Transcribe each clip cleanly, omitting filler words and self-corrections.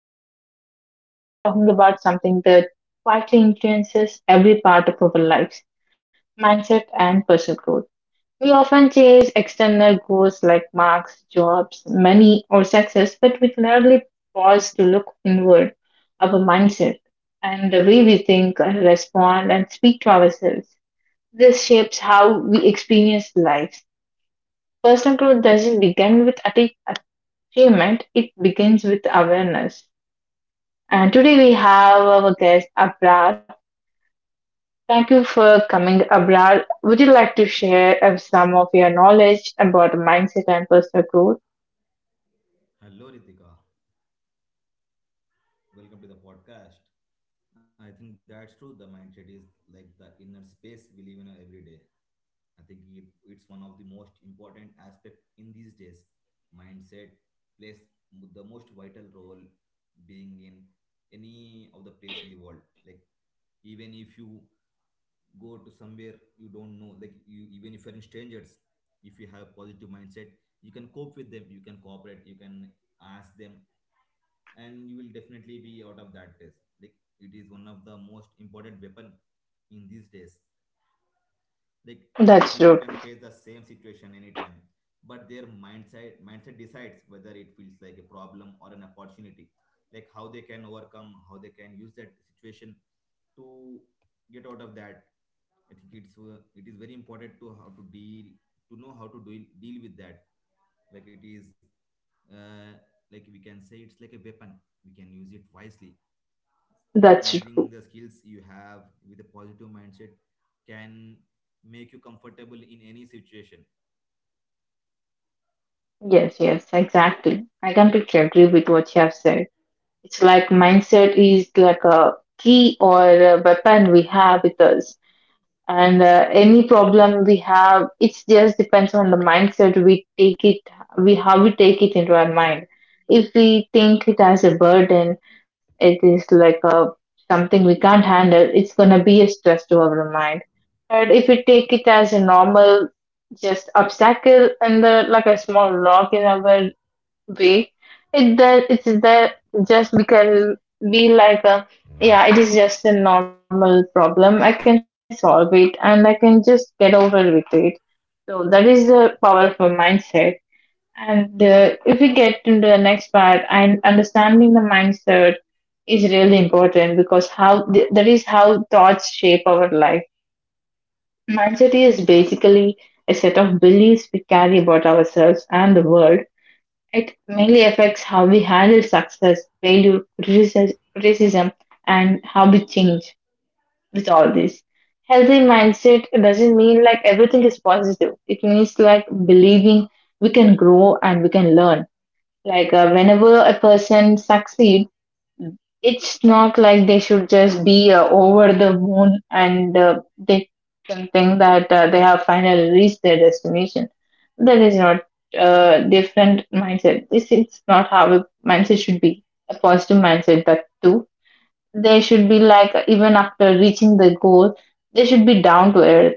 I'm Rizka, and today we are talking about something that quietly influences every part of our lives, mindset and personal growth. We often chase external goals like marks, jobs, money, or success, but we rarely pause to look inward at our mindset and the way we think, respond, and speak to ourselves. This shapes how we experience life. Personal growth doesn't begin with achievement, it begins with awareness. And today we have our guest Abrar. Thank you for coming, Abrar. Would you like to share some of your knowledge about mindset and personal growth? Hello, Ritika. Welcome to the podcast. I think that's true. The mindset is like the inner space we live in every day. I think it's one of the most important aspect in these days. Mindset plays the most vital role being in any of the place in the world. Like even if you go to somewhere you don't know, like you even if you're in strangers, if you have a positive mindset, you can cope with them. You can cooperate. You can ask them and you will definitely be out of that phase, like it is one of the most important weapon in these days, like two That's people true. can face the same situation anytime, but their mindset decides whether it feels like a problem or an opportunity, like how they can overcome, how they can use that situation to get out of that. I think it is very important to how to deal, to know how to deal with that. Like it is, uh, like we can say it's like a weapon, we can use it wisely, That's using true. the skills you have. With a positive mindset can make you comfortable in any situation. Yes, yes, exactly. I completely agree with what you have said. It's like mindset is like a key or a weapon we have with us. And any problem we have, it just depends on the mindset we take it, we how we take it into our mind. If we think it as a burden, it is like a something we can't handle, it's going to be a stress to our mind. But if we take it as a normal just obstacle and the, like a small rock in our way. It that it's that just because be like a, yeah, it is just a normal problem. I can solve it and I can just get over with it. So that is the powerful mindset. And if we get into the next part, and understanding the mindset is really important because how that is how thoughts shape our life. Mindset is basically a set of beliefs we carry about ourselves and the world. It mainly affects how we handle success, failure, criticism, and how we change with all this. Healthy mindset doesn't mean like everything is positive. It means like believing we can grow and we can learn. Like whenever a person succeeds, it's not like they should just be over the moon and they can think that they have finally reached their destination. That is not different mindset. This is not how a mindset should be. A positive mindset that too. They should be like even after reaching the goal, they should be down to earth.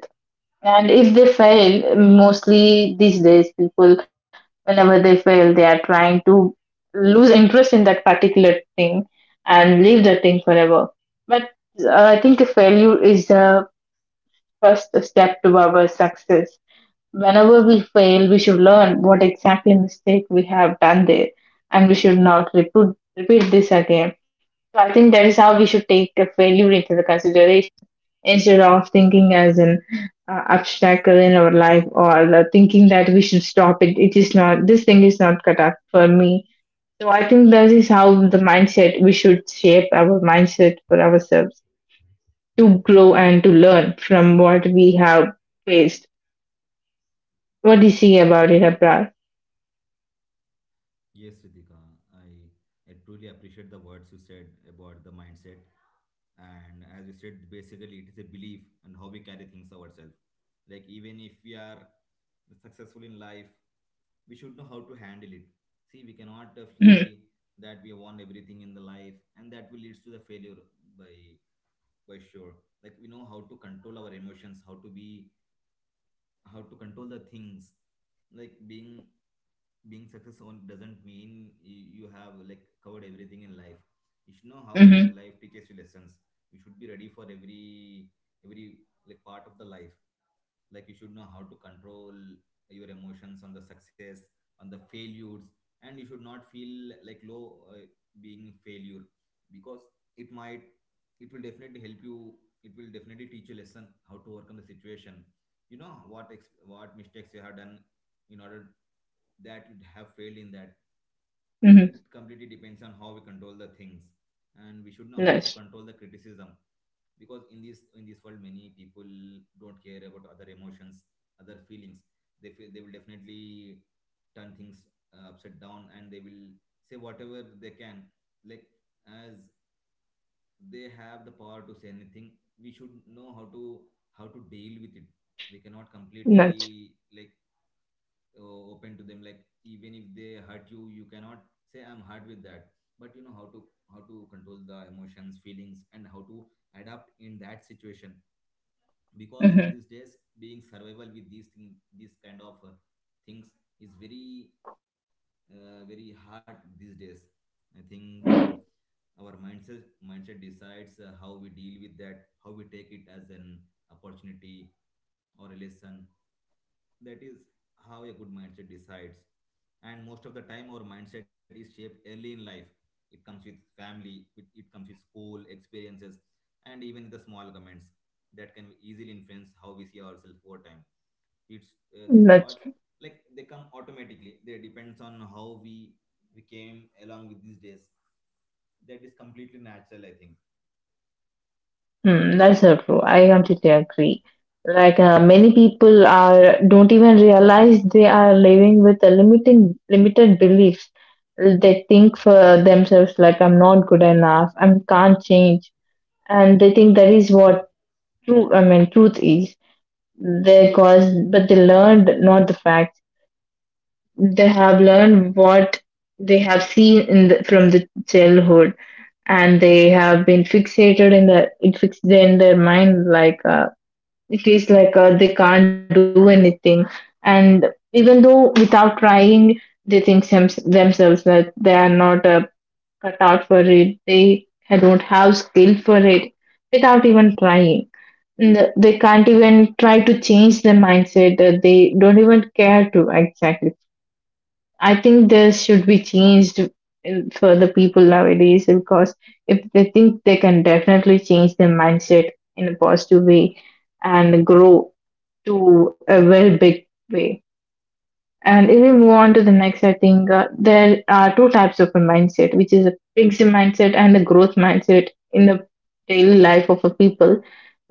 And if they fail, mostly these days, people, whenever they fail, they are trying to lose interest in that particular thing and leave that thing forever. But I think the failure is the first step to our success. Whenever we fail, we should learn what exactly mistake we have done there, and we should not repeat this again. So I think that is how we should take a failure into the consideration instead of thinking as an obstacle in our life or the thinking that we should stop it. It is not, this thing is not cut up for me. So I think that is how the mindset we should shape our mindset for ourselves to grow and to learn from what we have faced. What do you see about it, Abra? Yes, Ritika, I truly appreciate the words you said about the mindset. And as you said, basically, it is a belief and how we carry things ourselves. Like, even if we are successful in life, we should know how to handle it. See, we cannot Mm-hmm. fly that we won everything in the life, and that will leads to the failure by. For sure, like we know how to control our emotions, how to be, how to control the things, like being successful doesn't mean you have like covered everything in life. You should know how Mm-hmm. life teaches you lessons. You should be ready for every like part of the life, like you should know how to control your emotions on the success, on the failures, and you should not feel like low, being failure, because it might, it will definitely help you, it will definitely teach you lesson how to overcome the situation. You know what mistakes you have done in order that you have failed in that. It Mm-hmm. completely depends on how we control the things, and we should know how to Nice. control the criticism, because in this world many people don't care about other emotions, other feelings. They feel they will definitely turn things upside down, and they will say whatever they can, like, as they have the power to say anything, we should know how to, how to deal with it. We cannot Nice. completely, like, open to them. Like even if they hurt you, you cannot say I'm hurt with that, but you know how to, how to control the emotions, feelings, and how to adapt in that situation. Because in Mm-hmm. these days, being survival with these kind of things is very, very hard these days. I think our mindset decides, how we deal with that, how we take it as an opportunity or relation. That is how a good mindset decides. And most of the time, our mindset is shaped early in life. It comes with family, it comes with school experiences, and even the small comments that can easily influence how we see ourselves over time. It's these That's, thoughts, like they come automatically. They depends on how we came along with these days. That is completely natural, I think. mm, that's so true. I completely agree. Like many people are don't even realize they are living with a limiting limited beliefs. They think for themselves like I'm not good enough. I can't change, and they think that is what true. I mean, truth is. They cause, but they learned not the facts. They have learned what they have seen in the, from the childhood, and they have been fixated in the it fixed in their mind like it is like they can't do anything. And even though without trying, they think themselves that they are not cut out for it, they don't have skill for it without even trying. And they can't even try to change their mindset. They don't even care to exactly. I think this should be changed for the people nowadays, because if they think they can definitely change their mindset in a positive way and grow to a very big way. And if we move on to the next, I think there are two types of a mindset, which is a fixed mindset and a growth mindset in the daily life of a people.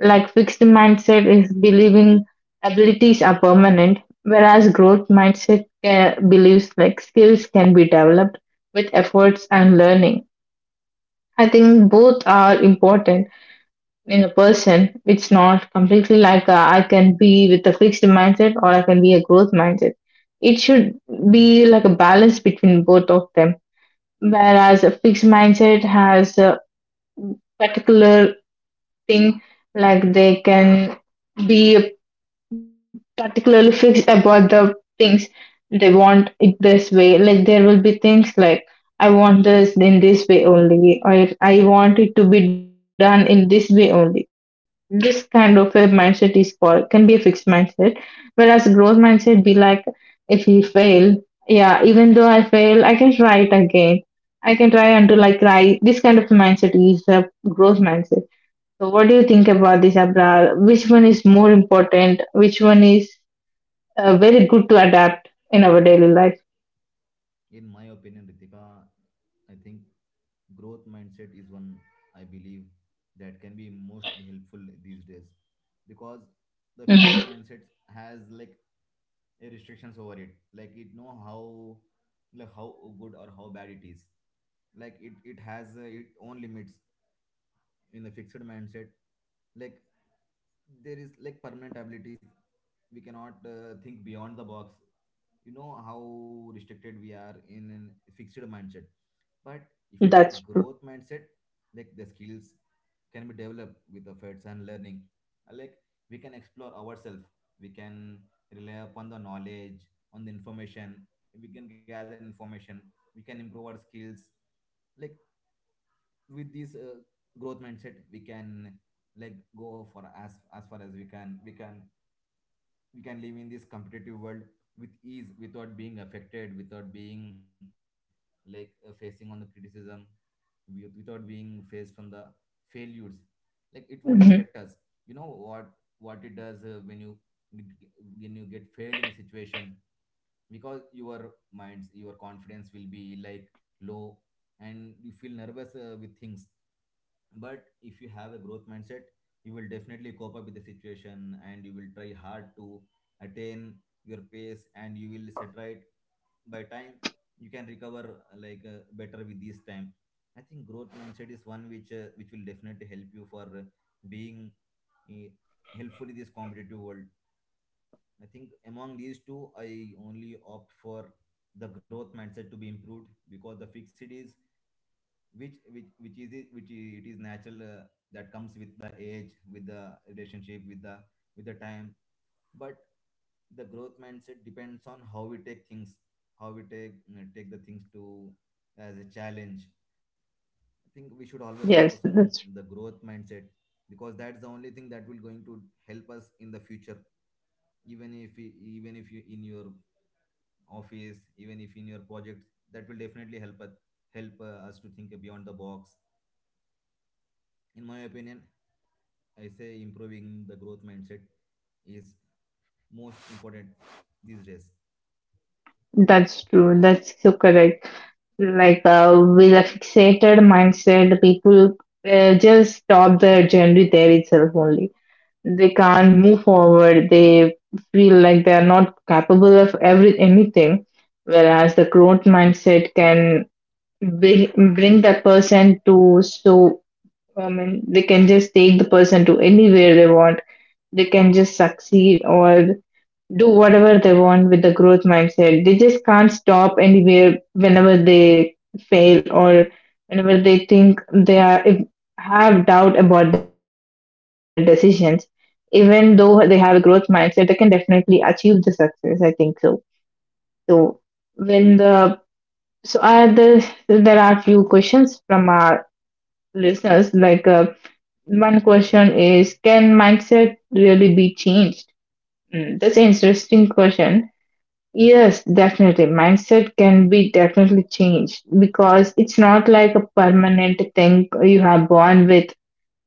Like fixed mindset is believing abilities are permanent, whereas growth mindset believes like skills can be developed with efforts and learning. I think both are important, in a person. It's not completely like I can be with a fixed mindset or I can be a growth mindset. It should be like a balance between both of them. Whereas a fixed mindset has a particular thing, like they can be particularly fixed about the things they want it this way. Like there will be things like I want this in this way only, or I want it to be done in this way only. This kind of a mindset is called can be a fixed mindset, whereas growth mindset be like if we fail, yeah, even though I fail, I can try it again. I can try until I cry. This kind of mindset is a growth mindset. So what do you think about this, Abrar? Which one is more important? Which one is very good to adapt in our daily life. In my opinion, Ritika, I think growth mindset is one I believe that can be mostly helpful these days, because the Mhm. fixed mindset has like a restrictions over it. Like it know how, like how good or how bad it is. Like it has, its own limits in a fixed mindset, like there is like permanent abilities, we cannot think beyond the box. You know how restricted we are in a fixed mindset. But if you take That's true. growth mindset, like the skills can be developed with efforts and learning. Like we can explore ourselves, we can rely upon the knowledge, on the information, we can gather information, we can improve our skills, like, with this growth mindset, we can like go for as far as we can, we can live in this competitive world with ease, without being affected, without being like, facing on the criticism, without being faced from the failures, like it won't affect us. Mhm. You know what it does, when you get failed in a situation, because your minds, your confidence will be like low, and you feel nervous with things. But if you have a growth mindset, you will definitely cope up with the situation, and you will try hard to attain your pace, and you will set right by time. You can recover, like, better with this time. I think growth mindset is one which, which will definitely help you for, being, uh, helpful in this competitive world. I think among these two, I only opt for the growth mindset to be improved, because the fixed is, which which, it is natural, that comes with the age, with the relationship, with the, with the time. But the growth mindset depends on how we take things, how we take, take the things to as a challenge. I think we should always focus on Yes, the growth mindset, because that's the only thing that will going to help us in the future, even if you in your office, even if in your project, that will definitely help us, help, us to think beyond the box. In my opinion, I say improving the growth mindset is most important these days. that's true. That's so correct. Like with a fixated mindset, people just stop their journey there itself only. They can't move forward. They feel like they are not capable of every anything. Whereas the growth mindset can bring that person to so. I mean, they can just take the person to anywhere they want. They can just succeed or do whatever they want with the growth mindset. They just can't stop anywhere whenever they fail or whenever they think they are if, have doubt about their decisions. Even though they have a growth mindset, they can definitely achieve the success. I think so. So when the, so are the, there are few questions from our listeners like one question is can mindset really be changed? Mm, that's an interesting question. Yes, definitely. Mindset can be definitely changed because it's not like a permanent thing you are born with,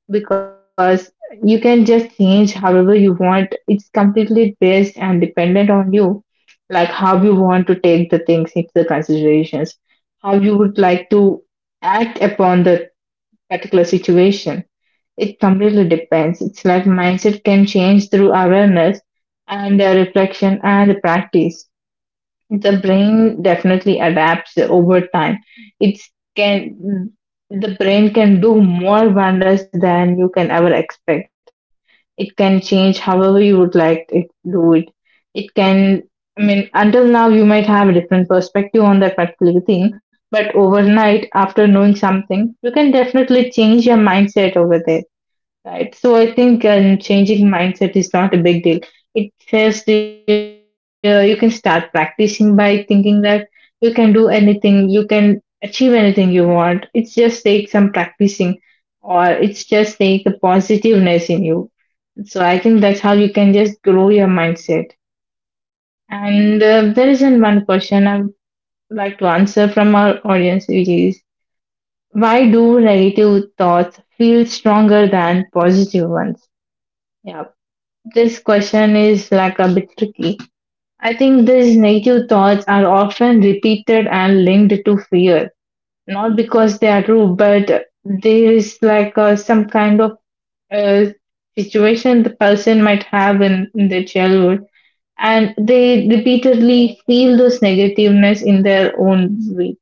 because you can just change however you want. It's completely based and dependent on you, like how you want to take the things into the considerations, how you would like to act upon the particular situation. It completely depends. It's like mindset can change through awareness and reflection and practice. The brain definitely adapts over time. It's can the brain can do more wonders than you can ever expect. It can change however you would like it to do it. It can, I mean, until now, you might have a different perspective on that particular thing, but overnight, after knowing something, you can definitely change your mindset over there. Right. So I think changing mindset is not a big deal. It says you can start practicing by thinking that you can do anything, you can achieve anything you want. It's just take some practicing, or it's just take the positiveness in you. So I think that's how you can just grow your mindset. And there isn't one question I would like to answer from our audience, which is why do negative thoughts feel stronger than positive ones? Yeah. This question is like a bit tricky. I think these negative thoughts are often repeated and linked to fear, not because they are true, but there is like some kind of uh, situation the person might have in their childhood, and they repeatedly feel those negativeness in their own way.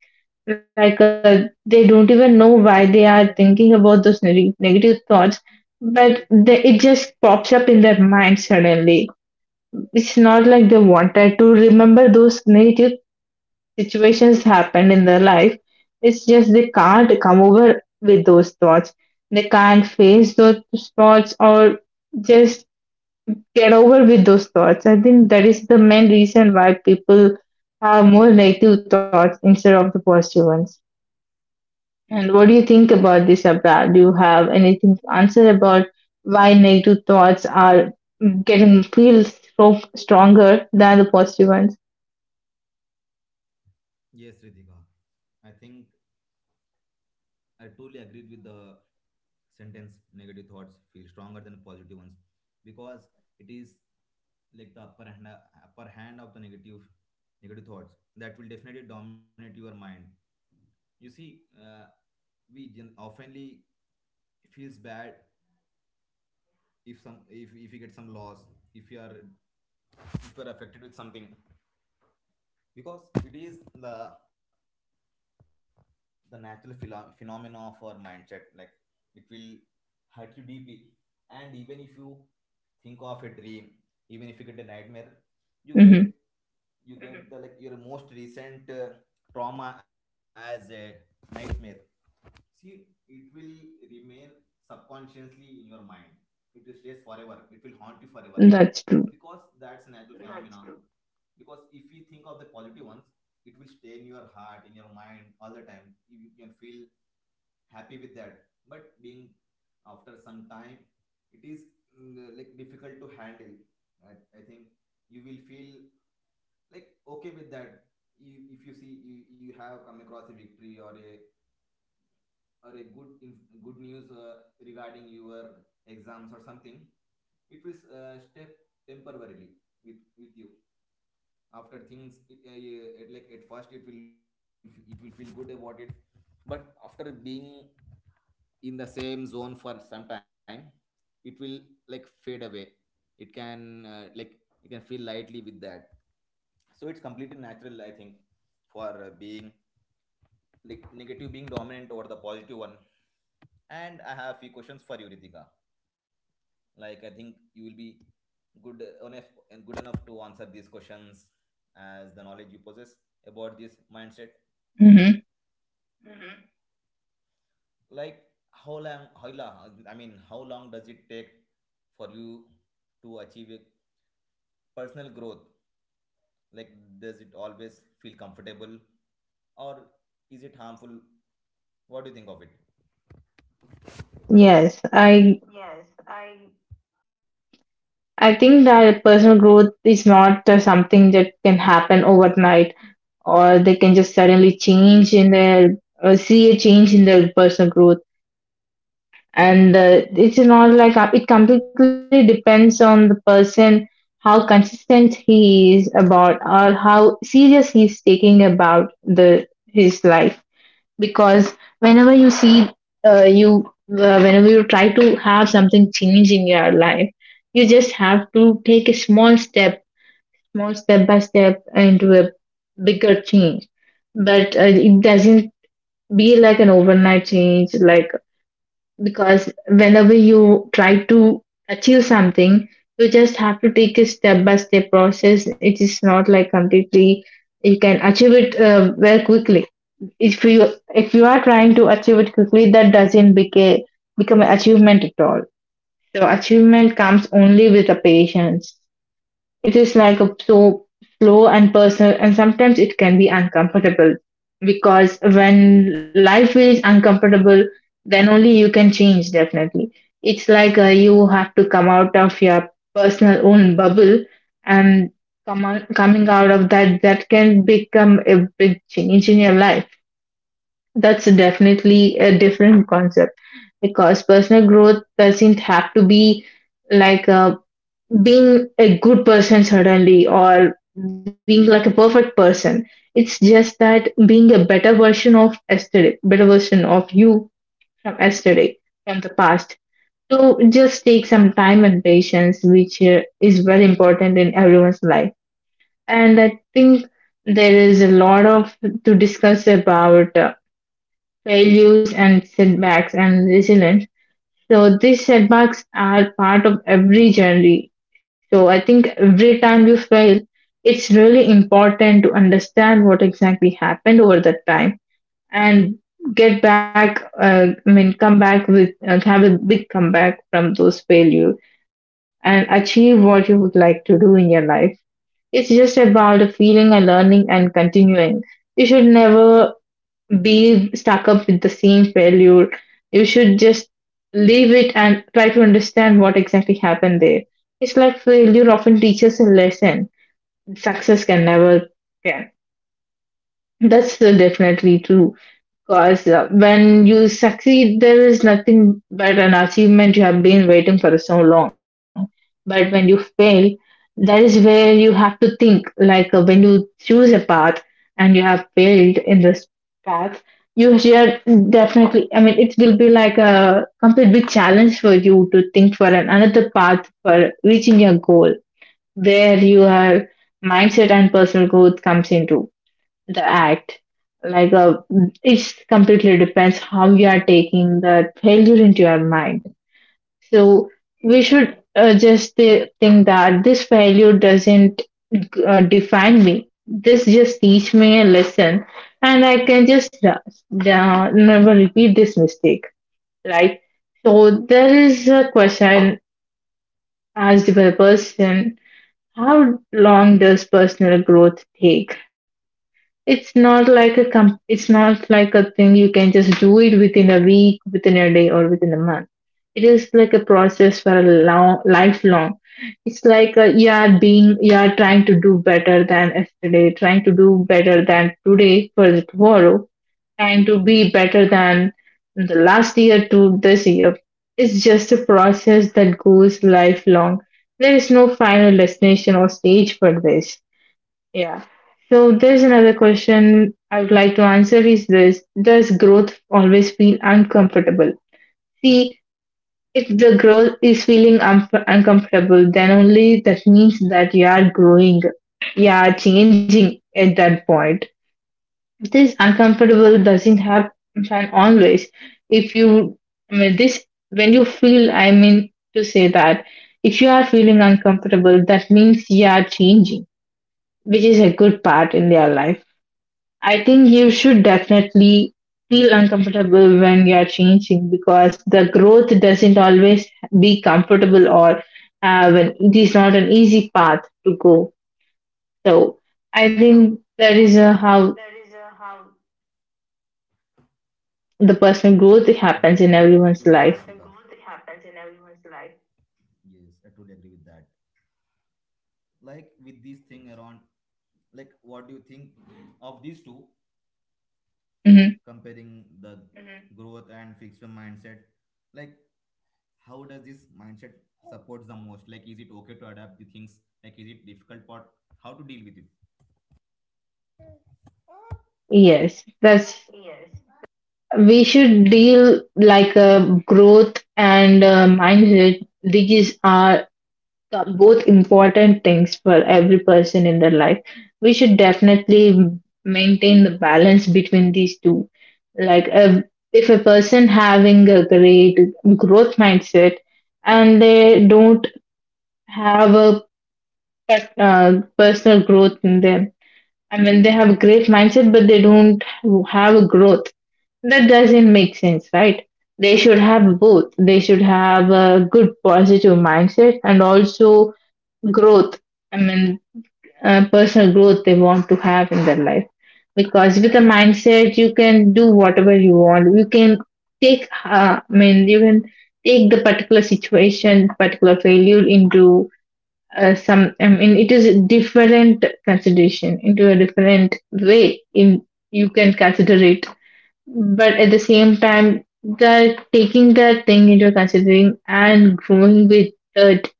Like they don't even know why they are thinking about those negative thoughts, but they, it just pops up in their mind suddenly. It's not like they wanted to remember those negative situations happened in their life. It's just they can't come over with those thoughts. They can't face those thoughts or just get over with those thoughts. I think that is the main reason why people have more negative thoughts instead of the positive ones. And what do you think about this, Abra? Do you have anything to answer about why negative thoughts are getting feels so stronger than the positive ones? Yes, Ritika, I think I totally agreed with the sentence, negative thoughts feel stronger than positive ones, because it is like the upper hand of the negative thoughts that will definitely dominate your mind. You see, uh, we oftenly feels bad, if some if you get some loss, if you are, if you are affected with something, because it is the the natural phenomena of our mindset. Like, it will hurt you deeply, and even if you think of a dream, even if you get a nightmare, you get, Mm-hmm. you get the, like, your most recent trauma as a nightmare. See, it will remain subconsciously in your mind, it will stays forever, it will haunt you forever, That's because true. that's a natural. That's phenomenon true. Because if you think of the positive ones, it will stay in your heart, in your mind, all the time. You can feel happy with that. But being, after some time, it is, like difficult to handle, right, I think. You will feel like, okay with that. If you see, you have come across a victory, or a, or a good good news, regarding your exams or something, it will, step temporarily with you. After things it, like, at first it will, it will feel good about it, but after being in the same zone for some time, it will like fade away. It can, like, you can feel lightly with that. So it's completely natural, I think, for, being like negative being dominant over the positive one. And I have few questions for you, Ritika. Like I think you will be good enough and good enough to answer these questions, as the knowledge you possess about this mindset. Mm-hmm. Like, how long I mean, how long does it take for you to achieve a personal growth? Like, does it always feel comfortable, or is it harmful? What do you think of it? Yes, Yes, I I think that personal growth is not something that can happen overnight, or they can just suddenly change in their see a change in their personal growth, and it's not like it completely depends on the person how consistent he is about or how serious he's taking about the his life. Because whenever you see you whenever you try to have something change in your life, you just have to take a small step by step into a bigger change. But it doesn't be like an overnight change. Because whenever you try to achieve something, you just have to take a step by step process. It is not like completely you can achieve it very quickly. If you are trying to achieve it quickly, that doesn't become an achievement at all. So achievement comes only with the patience. It is like a slow and personal, and sometimes it can be uncomfortable. Because when life is uncomfortable, then only you can change, definitely. It's like you have to come out of your personal own bubble. And coming out of that can become a big change in your life. That's definitely a different concept, because personal growth doesn't have to be like being a good person suddenly, or being like a perfect person. It's just that being a better version of yesterday, better version of you from yesterday, from the past. So just take some time and patience, which is very important in everyone's life. And I think there is a lot of to discuss about failures and setbacks and resilience. So these setbacks are part of every journey. So I think every time you fail, it's really important to understand what exactly happened over that time and get back. I mean, come back with have a big comeback from those failures and achieve what you would like to do in your life. It's just about feeling and learning and continuing. You should never be stuck up with the same failure. You should just leave it and try to understand what exactly happened there. It's like failure often teaches a lesson, success can never can. That's definitely true. Because when you succeed, there is nothing but an achievement you have been waiting for so long. But when you fail, that is where you have to think. Like when you choose a path and you have failed in this path, you should definitely, I mean, it will be like a complete big challenge for you to think for an, another path for reaching your goal, where your mindset and personal growth comes into the act. Like a It completely depends how you are taking the failure into your mind. So we should just think that this failure doesn't define me, this just teach me a lesson, and I can just never repeat this mistake, right? So there is a question asked by the person: how long does personal growth take? It's not like a it's not like a thing you can just do it within a week, within a day, or within a month. It is like a process for a long lifelong. It's like you are trying to do better than yesterday, trying to do better than today for the tomorrow, trying to be better than the last year to this year. It's just a process that goes lifelong. There is no final destination or stage for this. Yeah. So there's another question I would like to answer is this: does growth always feel uncomfortable? See, if the growth is feeling uncomfortable, then only that means that you are growing, you are changing at that point. This uncomfortable doesn't happen always. If you, I mean, this, When you feel, I mean to say that if you are feeling uncomfortable, that means you are changing, which is a good part in their life. I think you should definitely feel uncomfortable when you are changing, because the growth doesn't always be comfortable, or have an, it is not an easy path to go. So I think do. that is I think how there is a how. the personal Yes, growth I agree with the happens that in personal Shilpa everyone's growth life. happens in everyone's life. Yes, I totally agree with that. Like, with these thing around, like, what do you think of these two, Hmm. comparing the growth and fixed mindset? Like, how does this mindset supports the most, like, is it okay to adapt the things, like is it difficult part, how to deal with it? Yes, that's Yes, we should deal like a growth and mindset. These are both important things for every person in their life. We should definitely maintain the balance between these two. Like if a person having a great growth mindset and they don't have a personal growth in them, I mean they have a great mindset but they don't have a growth. That doesn't make sense, right? They should have both. They should have a good positive mindset and also growth, i mean personal growth they want to have in their life. Because with a mindset you can do whatever you want. You can take I mean you can take the particular situation, particular failure into some I mean it is a different consideration into a different way in you can consider it. But at the same time, that taking that thing into considering and growing with it,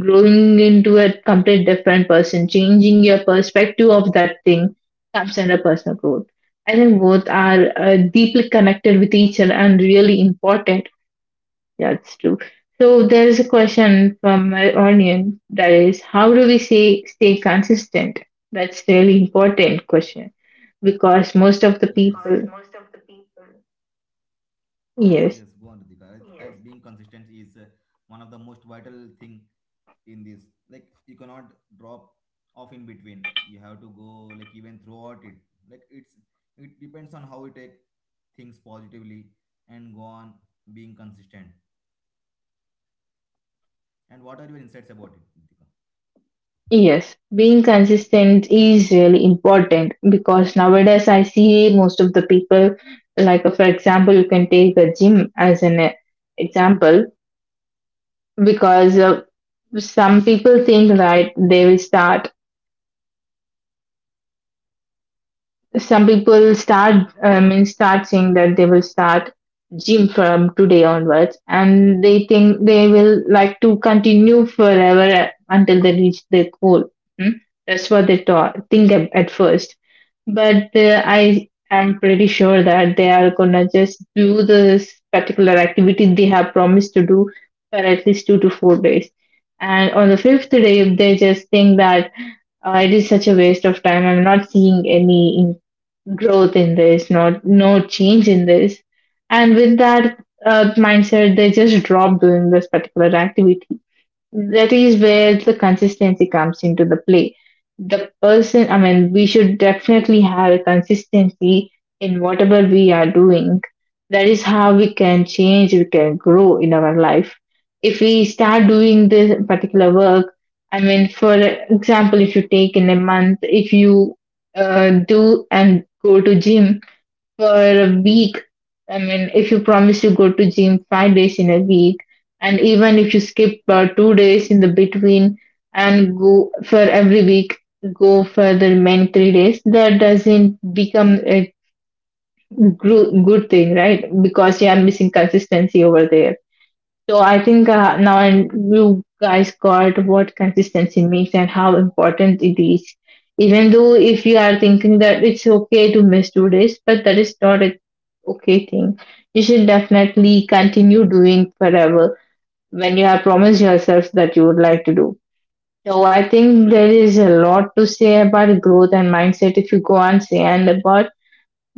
growing into a complete different person, changing your perspective of that thing comes under personal growth. I think both are deeply connected with each other and really important. That's true. So there is a question from my audience, that is, how do we say stay consistent? That's really important question because question. most of the Yes. Because people, most of the people, yes, yes, go on, Ritika. Yes, being consistent is, one of the most vital thing in this. Like, you cannot drop off in between. You have to go like even throughout it. Like, it depends on how you take things positively and go on being consistent. And what are your insights about it, Ritika? yes, being consistent is really important because nowadays I see most of the people, like for example, you can take a gym as an example. Because some people think right they will start some people start, I mean start saying that they will start gym from today onwards, and they think they will like to continue forever until they reach their goal. Hmm? That's what they think at first. But I am pretty sure that they are gonna just do this particular activity they have promised to do for at least 2 to 4 days. And on the fifth day, they just think that it is such a waste of time. I'm not seeing any growth in this, not no change in this. And with that mindset, they just drop doing this particular activity. That is where the consistency comes into the play. The person I mean We should definitely have a consistency in whatever we are doing. That is how we can change, we can grow in our life. If we start doing this particular work, I mean for example, if you take in a month, if you do and go to gym for a week. I mean, if you promise you go to gym 5 days in a week, and even if you skip 2 days in the between and go for every week, go for the remaining 3 days, that doesn't become a good thing, right? Because you are missing consistency over there. So I think now and you guys got what consistency means and how important it is. Even though if you are thinking that it's okay to miss 2 days, but that is not okay thing. You should definitely continue doing forever when you have promised yourself that you would like to do. So I think there is a lot to say about growth and mindset if you go and say and about,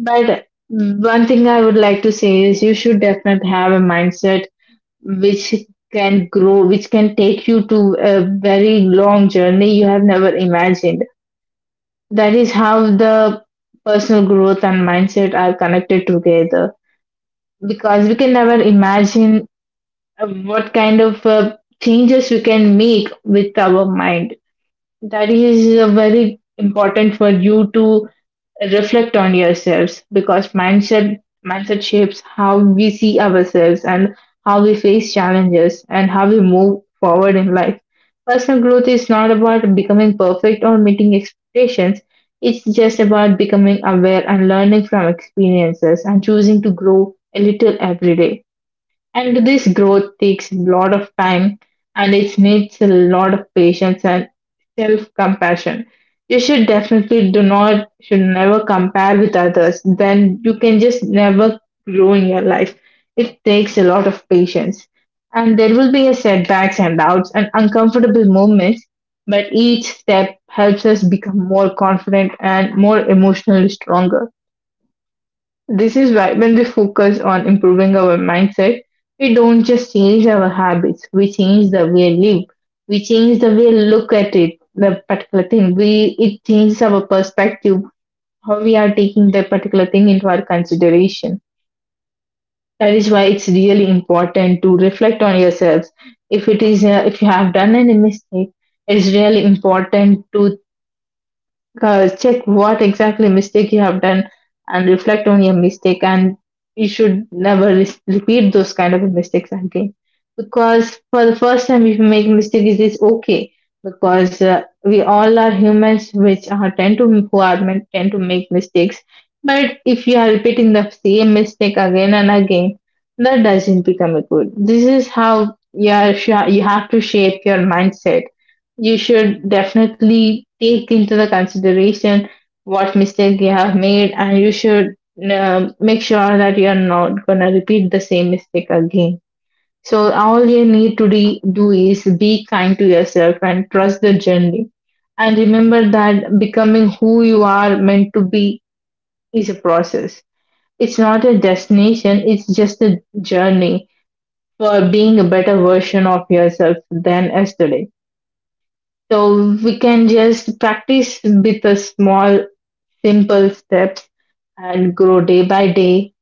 but one thing I would like to say is you should definitely have a mindset which can grow, which can take you to a very long journey you have never imagined. That is how the personal growth and mindset are connected together. Because we can never imagine what kind of changes we can make with our mind. That is very important for you to reflect on yourselves, because mindset shapes how we see ourselves, and how we face challenges, and how we move forward in life. Personal growth is not about becoming perfect or meeting expectations. It's just about becoming aware and learning from experiences and choosing to grow a little every day. And this growth takes a lot of time, and it needs a lot of patience and self compassion. You should definitely do not, should never compare with others. Then you can just never grow in your life. It takes a lot of patience. And there will be a setbacks and doubts and uncomfortable moments, but each step helps us become more confident and more emotionally stronger. This is why when we focus on improving our mindset, we don't just change our habits, we change the way we live, we change the way we look at it, the particular thing. We It changes our perspective, how we are taking the particular thing into our consideration. That is why it's really important to reflect on yourselves. If it is if you have done any mistake, it's really important to check what exactly mistake you have done and reflect on your mistake, and you should never repeat those kind of mistakes again. Because for the first time if you make a mistake it is okay, because we all are humans which are tend to who are meant, tend to make mistakes. But if you are repeating the same mistake again and again, that doesn't become a good. This is how, yeah, you have to shape your mindset. You should definitely take into the consideration what mistake you have made, and you should make sure that you are not going to repeat the same mistake again. So all you need to do is be kind to yourself and trust the journey, and remember that becoming who you are meant to be is a process. It's not a destination, it's just a journey for being a better version of yourself than yesterday. So we can just practice with a small, simple steps, and grow day by day.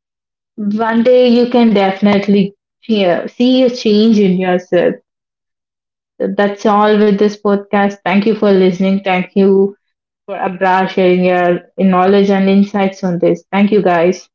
One day you can definitely see a change in yourself. So that's all with this podcast. Thank you for listening. Thank you for Abra sharing your knowledge and insights on this. Thank you, guys.